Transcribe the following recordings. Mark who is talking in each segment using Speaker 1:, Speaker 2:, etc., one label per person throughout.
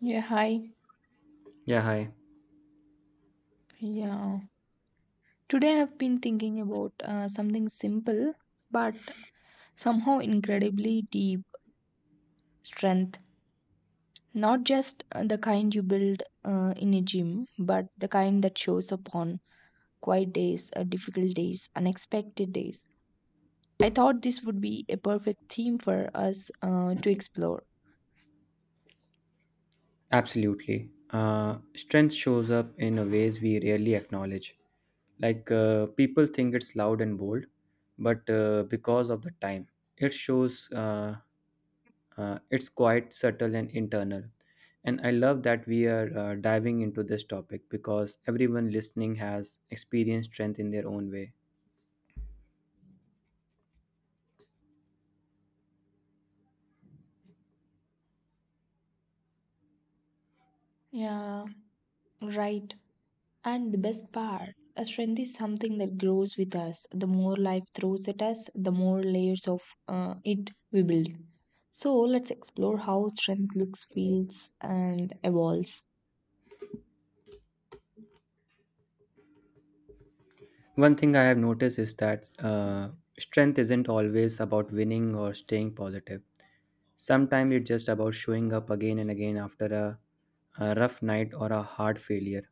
Speaker 1: Yeah, hi.
Speaker 2: Yeah, hi.
Speaker 1: Yeah. Today I've been thinking about something simple but somehow incredibly deep strength. Not just the kind you build in a gym, but the kind that shows up on quiet days, difficult days, unexpected days. I thought this would be a perfect theme for us to explore.
Speaker 2: Absolutely. Strength shows up in a ways we rarely acknowledge. Like people think it's loud and bold, but because of the time, it shows it's quite subtle and internal. And I love that we are diving into this topic because everyone listening has experienced strength in their own way.
Speaker 1: Yeah, right. And the best part, a strength is something that grows with us. The more life throws at us, the more layers of it we build. So let's explore how strength looks, feels, and evolves.
Speaker 2: One thing I have noticed is that strength isn't always about winning or staying positive. Sometimes it's just about showing up again and again after a rough night or a hard failure.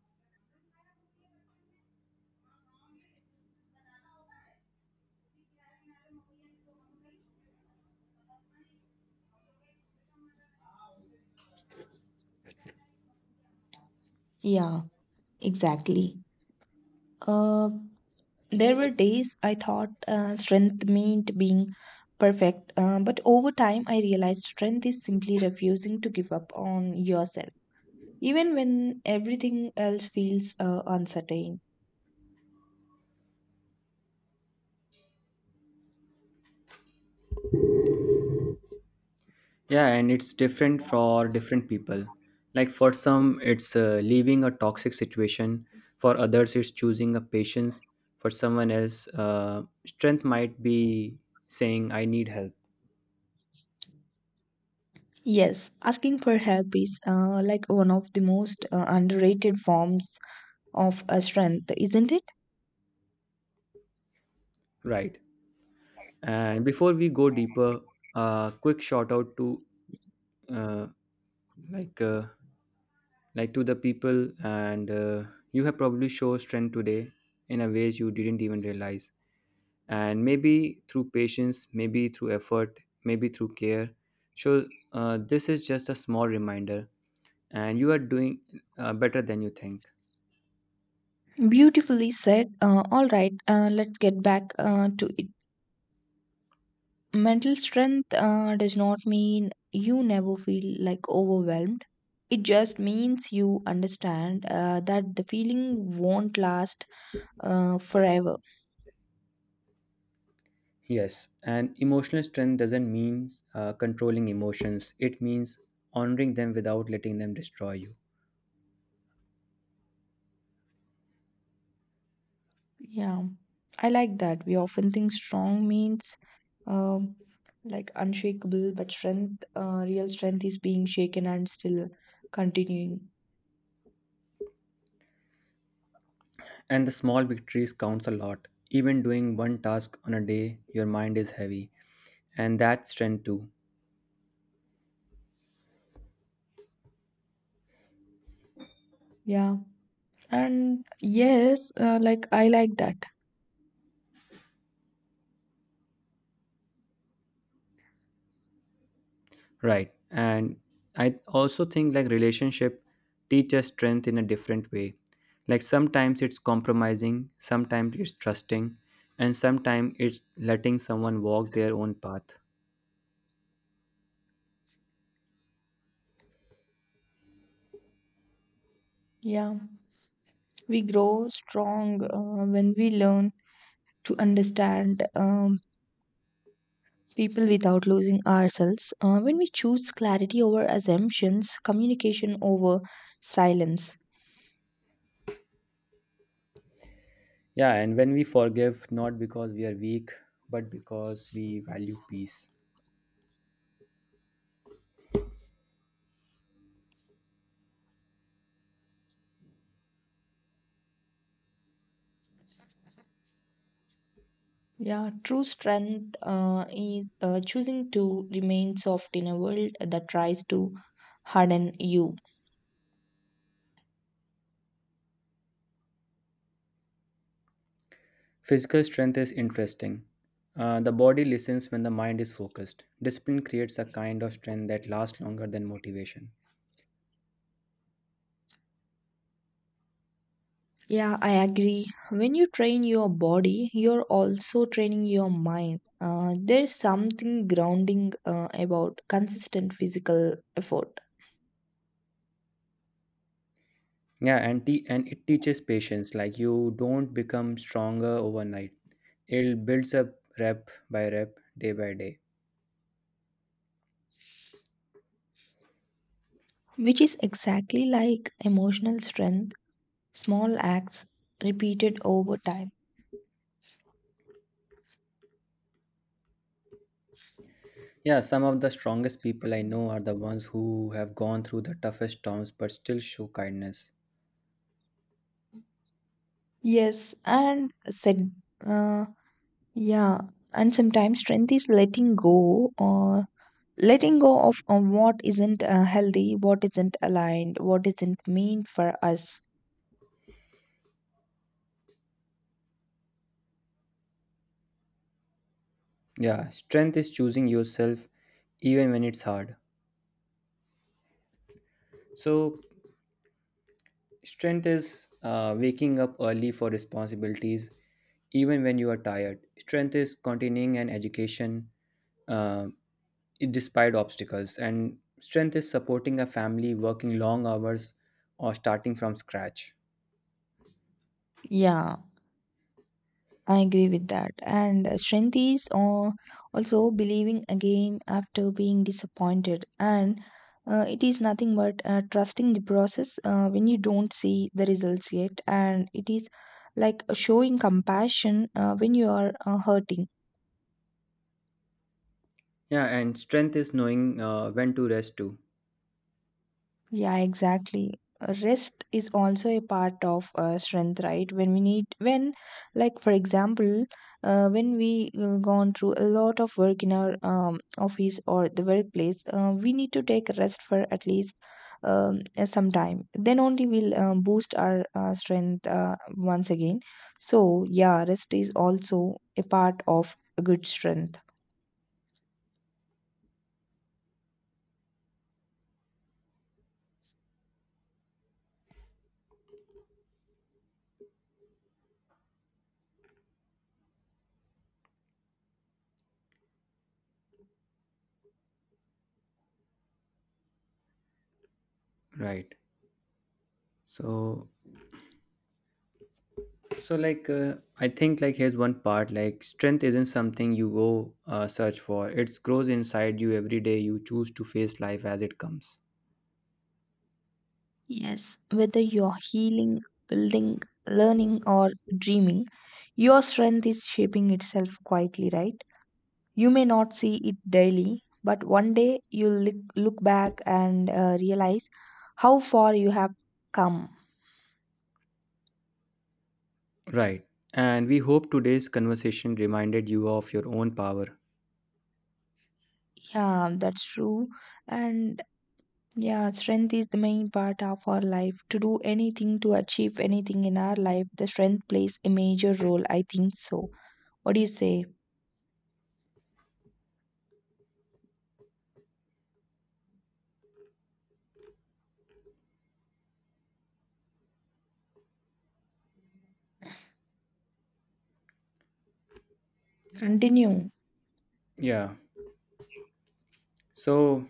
Speaker 1: Yeah, exactly. Uh, there were days I thought strength meant being perfect, but over time I realized strength is simply refusing to give up on yourself, even when everything else feels uncertain.
Speaker 2: Yeah, and it's different for different people. Like for some, it's leaving a toxic situation. For others, it's choosing a patience. For someone else, strength might be saying, I need help.
Speaker 1: Yes, asking for help is like one of the most underrated forms of strength, isn't it?
Speaker 2: Right. And before we go deeper, a quick shout out to uh, like uh, to the people, and you have probably shown strength today in a ways you didn't even realize, and maybe through patience, maybe through effort, maybe through care. So this is just a small reminder, and you are doing better than you think.
Speaker 1: Beautifully said. All right, let's get back to it. Mental strength does not mean you never feel like overwhelmed. It just means you understand that the feeling won't last forever.
Speaker 2: Yes, and emotional strength doesn't mean controlling emotions, it means honoring them without letting them destroy you.
Speaker 1: Yeah, I like that. We often think strong means um, like unshakable, but strength, real strength is being shaken and still continuing.
Speaker 2: And the small victories counts a lot. Even doing one task on a day your mind is heavy, and that strength too.
Speaker 1: Yeah. And yes, like I like that.
Speaker 2: Right. And I also think, like, relationship teaches strength in a different way. Like sometimes it's compromising, sometimes it's trusting, and sometimes it's letting someone walk their own path.
Speaker 1: Yeah. We grow strong when we learn to understand people without losing ourselves. When we choose clarity over assumptions, communication over silence.
Speaker 2: Yeah, and when we forgive, not because we are weak, but because we value peace.
Speaker 1: Yeah, true strength is choosing to remain soft in a world that tries to harden you.
Speaker 2: Physical strength is interesting. The body listens when the mind is focused. Discipline creates a kind of strength that lasts longer than motivation.
Speaker 1: Yeah, I agree. When you train your body, you're also training your mind. There's something grounding about consistent physical effort,
Speaker 2: Yeah, and it teaches patience. Like you don't become stronger overnight. It builds up rep by rep, day by day.
Speaker 1: which is exactly like emotional strength, small acts repeated over time.
Speaker 2: Yeah, some of the strongest people I know are the ones who have gone through the toughest storms but still show kindness.
Speaker 1: Yes, and set, Yeah, and sometimes strength is letting go or letting go of what isn't healthy, what isn't aligned, what isn't meant for us.
Speaker 2: Yeah, strength is choosing yourself even when it's hard. So, strength is waking up early for responsibilities even when you are tired. Strength is continuing an education, uh, despite obstacles. And strength is supporting a family, working long hours, or starting from scratch.
Speaker 1: Yeah, I agree with that. And strength is also believing again after being disappointed. And it is nothing but trusting the process when you don't see the results yet. And it is like showing compassion when you are hurting.
Speaker 2: Yeah, and strength is knowing when to rest too.
Speaker 1: Yeah, exactly. Rest is also a part of strength, right? When we need, when, like, for example, when we gone through a lot of work in our office or the workplace, we need to take a rest for at least some time. Then only we'll boost our strength once again. So, yeah, rest is also a part of a good strength.
Speaker 2: Right. So, so, I think, like, here's one part: like strength isn't something you go search for. It grows inside you every day. You choose to face life as it comes.
Speaker 1: Yes, whether you're healing, building, learning, or dreaming, your strength is shaping itself quietly, right? You may not see it daily, but one day you'll look back and realize how far you have come.
Speaker 2: Right. And we hope today's conversation reminded you of your own power.
Speaker 1: Yeah, that's true. And yeah, strength is the main part of our life. To do anything, to achieve anything in our life, the strength plays a major role. I think so. What do you say? Continue.
Speaker 2: Yeah. So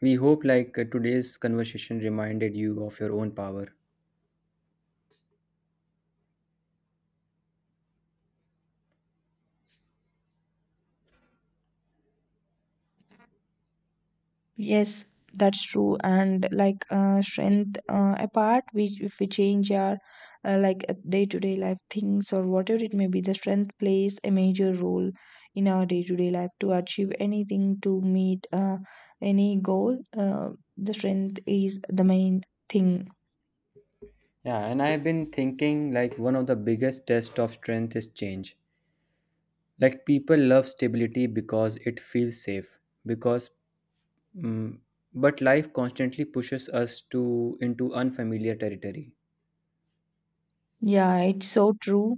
Speaker 2: we hope, today's conversation reminded you of your own power.
Speaker 1: Yes, that's true. And like strength apart, we if we change our like day to day life things or whatever it may be, the strength plays a major role in our day to day life to achieve anything, to meet any goal. The strength is the main thing.
Speaker 2: Yeah, and I've been thinking, like, one of the biggest tests of strength is change. Like people love stability because it feels safe. Because mm But life constantly pushes us to into unfamiliar territory.
Speaker 1: Yeah, it's so true.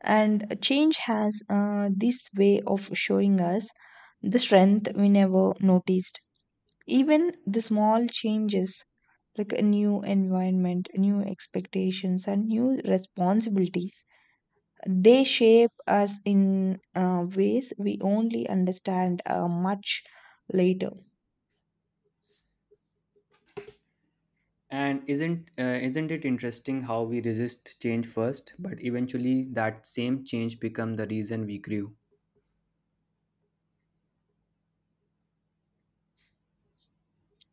Speaker 1: And change has this way of showing us the strength we never noticed. Even the small changes, like a new environment, new expectations, and new responsibilities, they shape us in ways we only understand much later.
Speaker 2: And isn't it interesting how we resist change first, but eventually that same change become the reason we grew.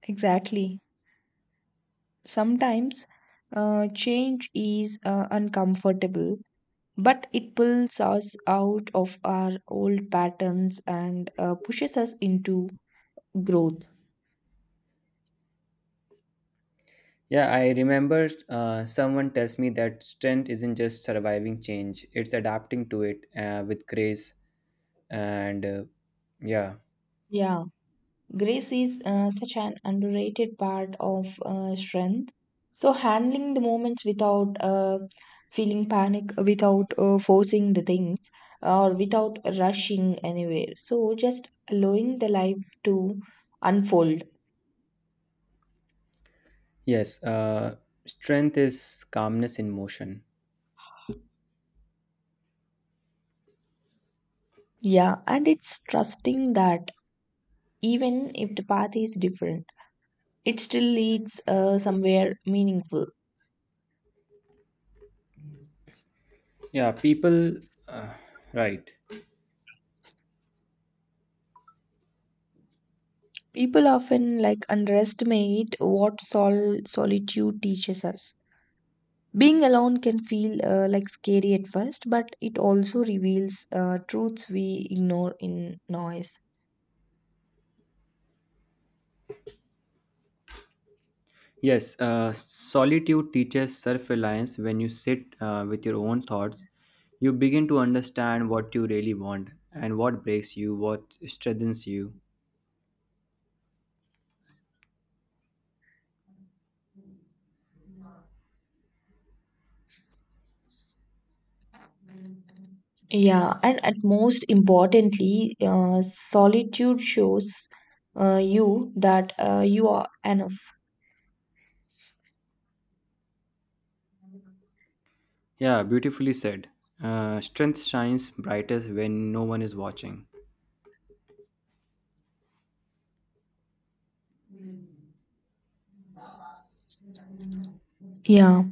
Speaker 1: Exactly. Sometimes change is uncomfortable, but it pulls us out of our old patterns and pushes us into growth.
Speaker 2: Yeah, I remember someone tells me that strength isn't just surviving change, it's adapting to it with grace. And uh, yeah,
Speaker 1: Yeah. Grace is such an underrated part of strength. So, handling the moments without feeling panic, without forcing the things, or without rushing anywhere. So, just allowing the life to unfold.
Speaker 2: yes, strength is calmness in motion.
Speaker 1: Yeah, and it's trusting that even if the path is different, it still leads somewhere meaningful.
Speaker 2: Yeah, people, uh, right.
Speaker 1: People often like underestimate what solitude teaches us. Being alone can feel like scary at first, but it also reveals truths we ignore in noise.
Speaker 2: Yes, solitude teaches self reliance when you sit with your own thoughts. You begin to understand what you really want and what breaks you, what strengthens you.
Speaker 1: Yeah, and at most importantly, solitude shows you that you are enough.
Speaker 2: Yeah, beautifully said. Strength shines brightest when no one is watching.
Speaker 1: Yeah,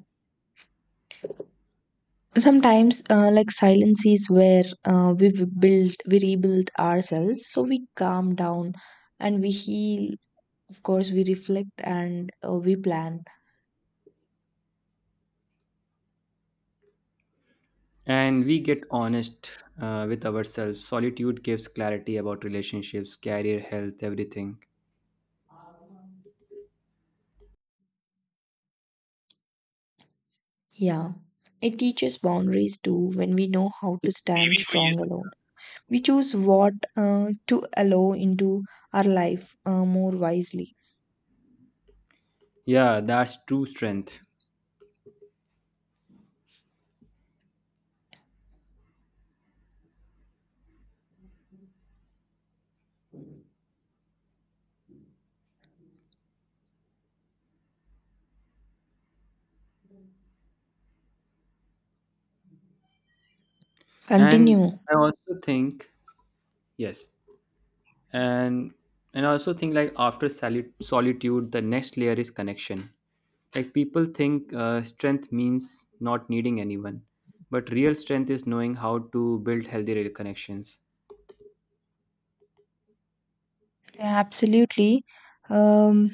Speaker 1: sometimes like silence is where we build, we rebuild ourselves. So we calm down and we heal. Of course, we reflect and we plan.
Speaker 2: And we get honest with ourselves. Solitude gives clarity about relationships, career, health, everything.
Speaker 1: Yeah, it teaches boundaries too when we know how to stand
Speaker 2: बीवी को ये
Speaker 1: strong
Speaker 2: सब
Speaker 1: alone. We choose what to allow into our life more wisely.
Speaker 2: खिला- Yeah, that's true strength. And
Speaker 1: Continue.
Speaker 2: I also think, yes. And I also think, like, after solitude, the next layer is connection. Like people think strength means not needing anyone, but real strength is knowing how to build healthy connections.
Speaker 1: Yeah, absolutely. Um,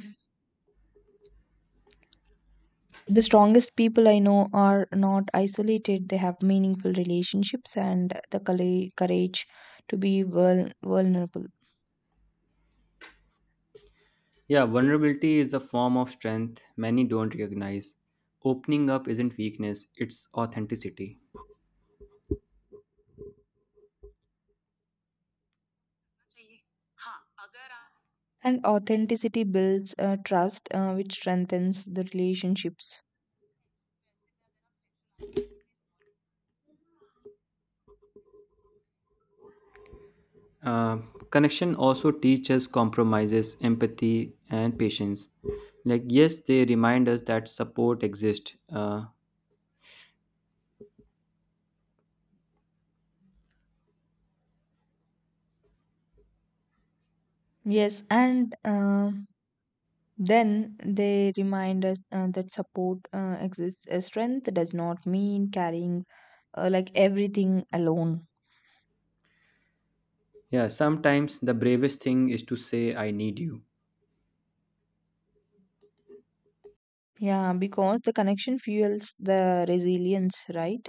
Speaker 1: the strongest people I know are not isolated. They have meaningful relationships and the courage to be vulnerable.
Speaker 2: Yeah, vulnerability is a form of strength many don't recognize. Opening up isn't weakness, it's authenticity.
Speaker 1: And authenticity builds trust, which strengthens the relationships.
Speaker 2: Uh, connection also teaches compromises, empathy, and patience. Like, yes, they remind us that support exists.
Speaker 1: Yes, and Then they remind us that support exists. Strength does not mean carrying like everything alone.
Speaker 2: Yeah, sometimes the bravest thing is to say, I need you.
Speaker 1: Yeah, because the connection fuels the resilience, right?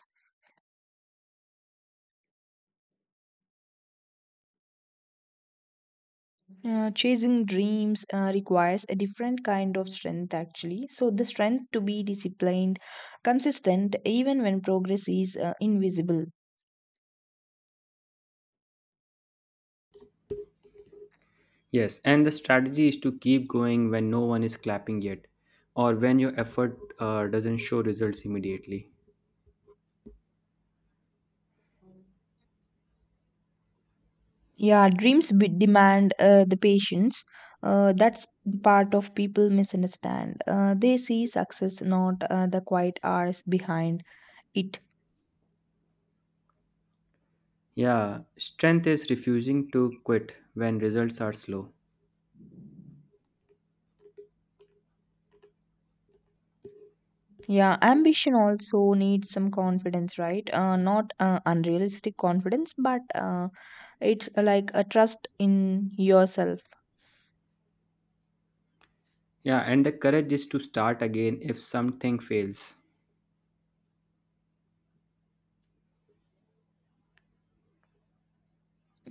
Speaker 1: Chasing dreams requires a different kind of strength, actually. So, the strength to be disciplined, consistent, even when progress is invisible.
Speaker 2: Yes, and the strategy is to keep going when no one is clapping yet, or when your effort doesn't show results immediately.
Speaker 1: Yeah, dreams demand the patience. That's the part of people misunderstand. They see success not the quiet hours behind it.
Speaker 2: Yeah, strength is refusing to quit when results are slow.
Speaker 1: Yeah, ambition also needs some confidence, right? Not unrealistic confidence, but it's like a trust in yourself.
Speaker 2: Yeah, and the courage is to start again if something fails.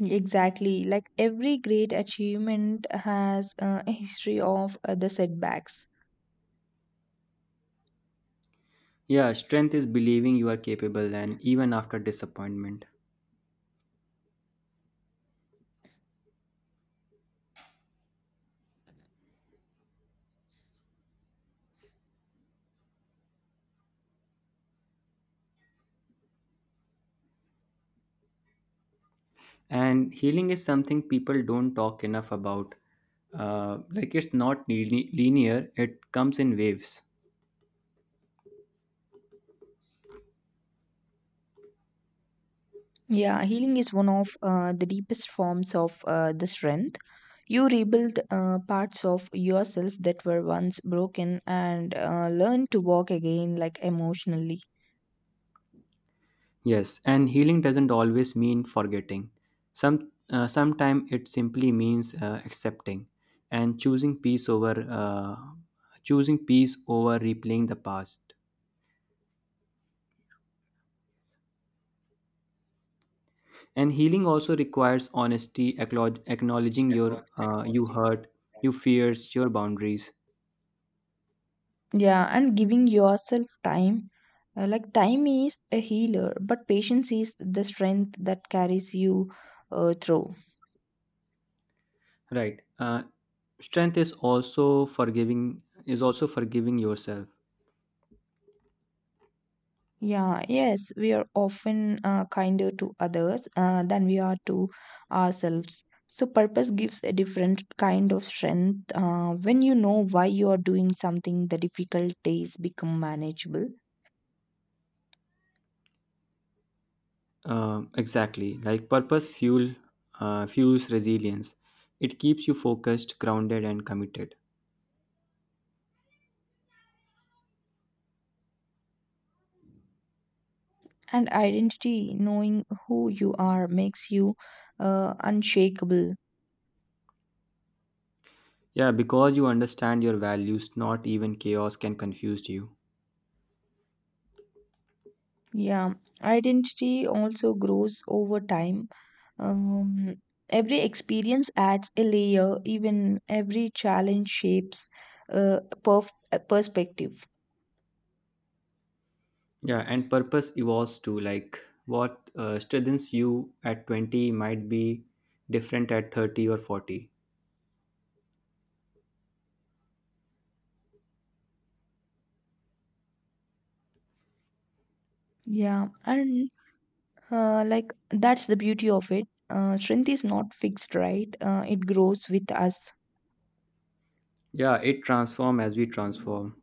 Speaker 1: Exactly. Like every great achievement has a history of the setbacks.
Speaker 2: Yeah, strength is believing you are capable and even after disappointment. And healing is something people don't talk enough about. Like it's not linear, it comes in waves.
Speaker 1: Yeah, healing is one of the deepest forms of the strength. You rebuild parts of yourself that were once broken and learn to walk again, like emotionally.
Speaker 2: Yes, and healing doesn't always mean forgetting. Some sometimes it simply means accepting and choosing peace over replaying the past. And healing also requires honesty, acknowledging your you hurt, your fears, your boundaries.
Speaker 1: Yeah, and giving yourself time. Like time is a healer, but patience is the strength that carries you through.
Speaker 2: Right. Strength is also forgiving yourself.
Speaker 1: Yeah, yes, we are often kinder to others than we are to ourselves. So, purpose gives a different kind of strength. When you know why you are doing something, the difficult days become manageable.
Speaker 2: Exactly. Like purpose fuels resilience. It keeps you focused, grounded, and committed.
Speaker 1: And identity, knowing who you are, makes you unshakable.
Speaker 2: Yeah, because you understand your values, not even chaos can confuse you.
Speaker 1: Yeah, identity also grows over time. Um, every experience adds a layer, even every challenge shapes perspective.
Speaker 2: Yeah, and purpose evolves too. Like what strengthens you at 20 might be different at 30 or 40.
Speaker 1: Yeah, and like that's the beauty of it. Strength is not fixed, right? It grows with us.
Speaker 2: Yeah, it transforms as we transform.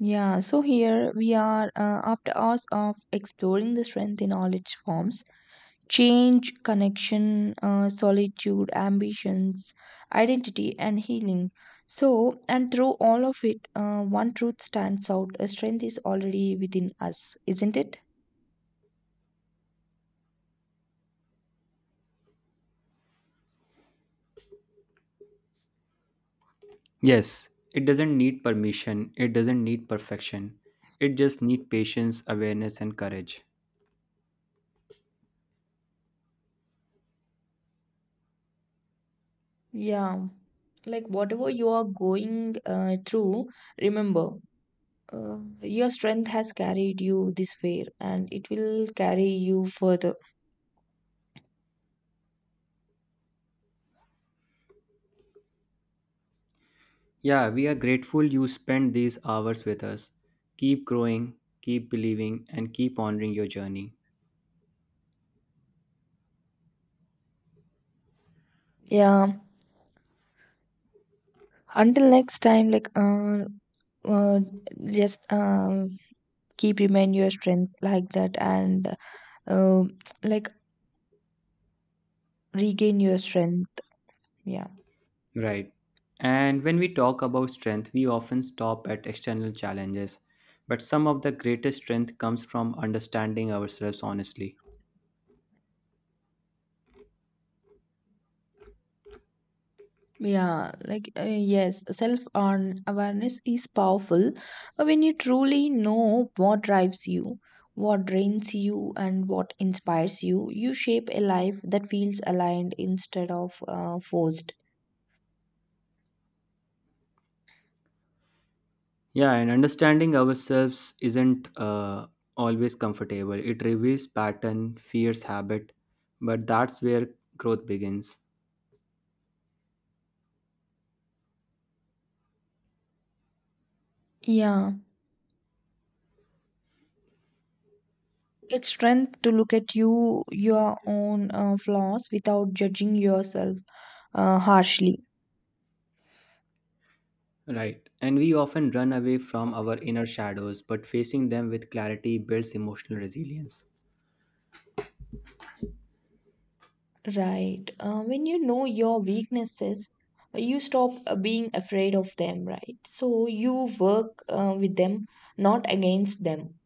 Speaker 1: Yeah, so here we are after hours of exploring the strength in all its forms. Change, connection, solitude, ambitions, identity, and healing. So, and through all of it, one truth stands out a strength is already within us, isn't it?
Speaker 2: Yes, it doesn't need permission, it doesn't need perfection. It just needs patience, awareness, and courage.
Speaker 1: Yeah. Like, whatever you are going through, remember your strength has carried you this way and it will carry you further.
Speaker 2: Yeah, we are grateful you spent these hours with us. Keep growing, keep believing, and keep honoring your journey.
Speaker 1: Yeah. Until next time, like, uh, just keep remain your strength like that and uh, like regain your strength yeah.
Speaker 2: Right. And when we talk about strength, we often stop at external challenges. But some of the greatest strength comes from understanding ourselves honestly.
Speaker 1: Yeah yes self awareness is powerful. When you truly know what drives you, what drains you, and what inspires you, you shape a life that feels aligned instead of forced.
Speaker 2: Yeah, and understanding ourselves isn't always comfortable. It reveals pattern, fears, habit, but that's where growth begins.
Speaker 1: Yeah, it's strength to look at your own flaws without judging yourself harshly.
Speaker 2: Right. And we often run away from our inner shadows, but facing them with clarity builds emotional resilience.
Speaker 1: Right. When you know your weaknesses, you stop being afraid of them, right? So you work with them, not against them.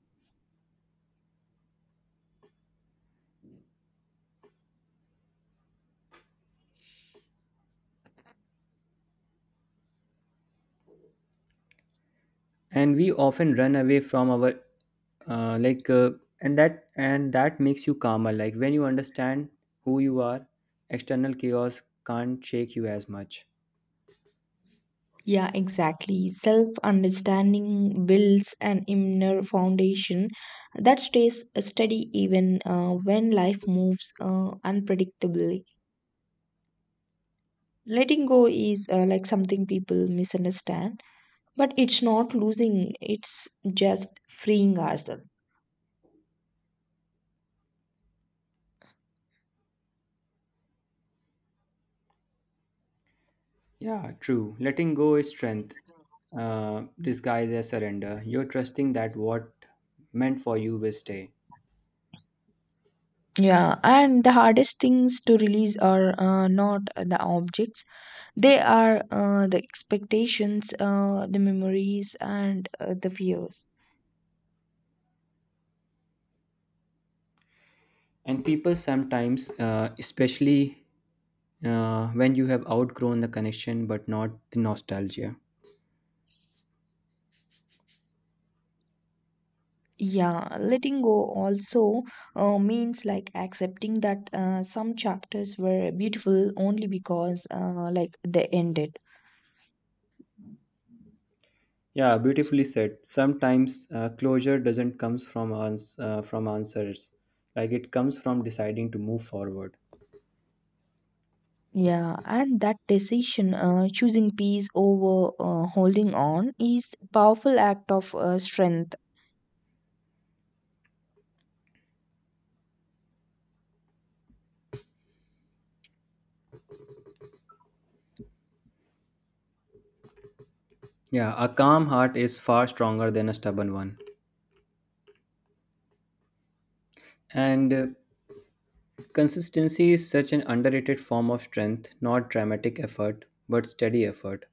Speaker 2: And we often run away from our uh, like uh, and that makes you calmer, like when you understand who you are, external chaos can't shake you as much.
Speaker 1: Yeah, exactly. Self understanding builds an inner foundation that stays steady even when life moves unpredictably. Letting go is like something people misunderstand, but it's not losing, it's just freeing ourselves.
Speaker 2: Yeah, true, letting go is strength disguised as surrender. You're trusting that what meant for you will stay.
Speaker 1: Yeah, and the hardest things to release are not the objects, they are the expectations, the memories, and the fears.
Speaker 2: And people sometimes, especially when you have outgrown the connection but not the nostalgia.
Speaker 1: Yeah, letting go also means like accepting that some chapters were beautiful only because like they ended.
Speaker 2: Yeah, beautifully said. Sometimes closure doesn't comes from answers, like it comes from deciding to move forward.
Speaker 1: Yeah, and that decision, choosing peace over holding on, is powerful act of strength.
Speaker 2: Yeah, a calm heart is far stronger than a stubborn one. And consistency is such an underrated form of strength, not dramatic effort but steady effort.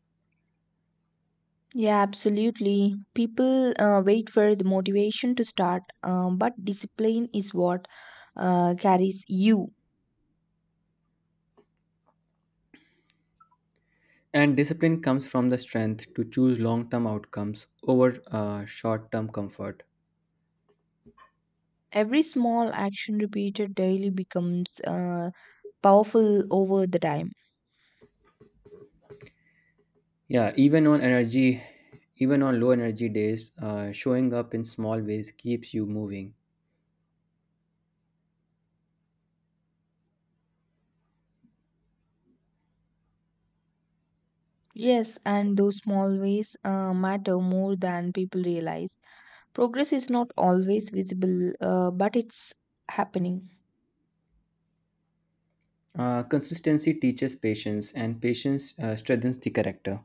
Speaker 1: Yeah, absolutely. People wait for the motivation to start, but discipline is what carries you.
Speaker 2: And discipline comes from the strength to choose long term outcomes over short term comfort.
Speaker 1: Every small action repeated daily becomes powerful over the time.
Speaker 2: Yeah, even on low energy days, showing up in small ways keeps you moving.
Speaker 1: Yes, and those small ways matter more than people realize. Progress is not always visible, but it's happening.
Speaker 2: Consistency teaches patience, and patience strengthens the character.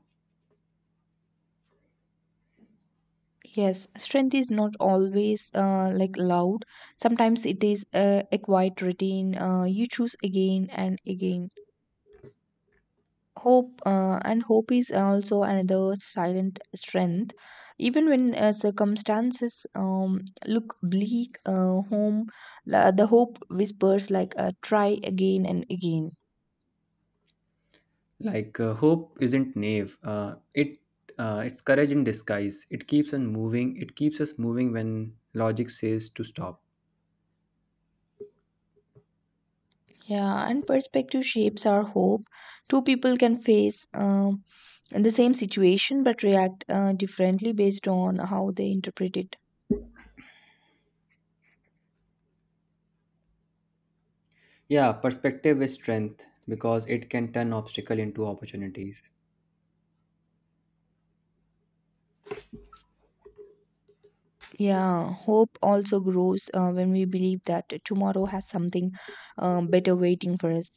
Speaker 1: Yes, strength is not always like loud. Sometimes it is a quiet routine. You choose again and again. Hope and hope is also another silent strength. Even when circumstances look bleak, home the hope whispers like try again and again.
Speaker 2: Like hope isn't naive; it's courage in disguise. It keeps on moving. It keeps us moving when logic says to stop.
Speaker 1: Yeah, and perspective shapes our hope. 2 people can face in the same situation but react differently based on how they interpret it.
Speaker 2: Yeah, perspective is strength because it can turn obstacle into opportunities.
Speaker 1: Yeah, hope also grows when we believe that tomorrow has something better waiting for us.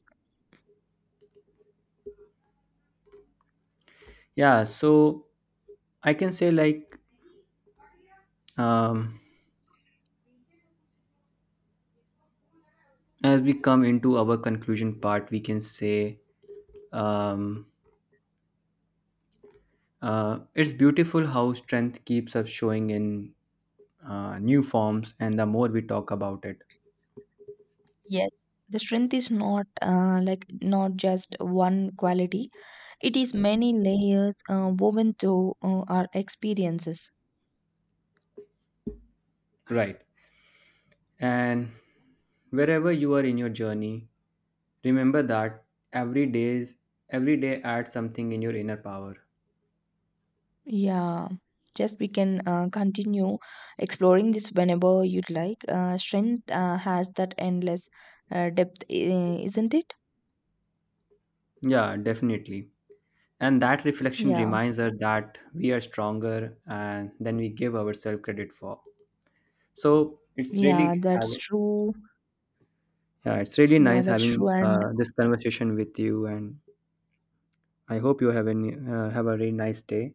Speaker 2: Yeah, so I can say, like, um, as we come into our conclusion part, we can say, um, it's beautiful how strength keeps up showing in new forms, and the more we talk about it,
Speaker 1: Yes. The strength is not like not just one quality. It is many layers woven through our experiences.
Speaker 2: right? And wherever you are in your journey, remember that every days every day adds something in your inner power.
Speaker 1: Yeah. Just we can continue exploring this whenever you'd like. Strength has that endless depth, isn't it?
Speaker 2: Yeah, definitely. And that reflection
Speaker 1: Yeah,
Speaker 2: reminds us that we are stronger and than we give ourselves credit for. So it's
Speaker 1: yeah,
Speaker 2: really
Speaker 1: that's
Speaker 2: having
Speaker 1: true.
Speaker 2: Yeah, it's really
Speaker 1: Yeah,
Speaker 2: nice
Speaker 1: that's
Speaker 2: having
Speaker 1: true. And
Speaker 2: this conversation with you, and I hope you have any have a really nice day.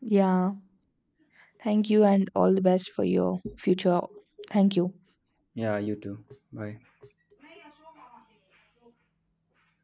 Speaker 1: yeah, thank you and all the best for your future. Thank you.
Speaker 2: Yeah, you too. Bye.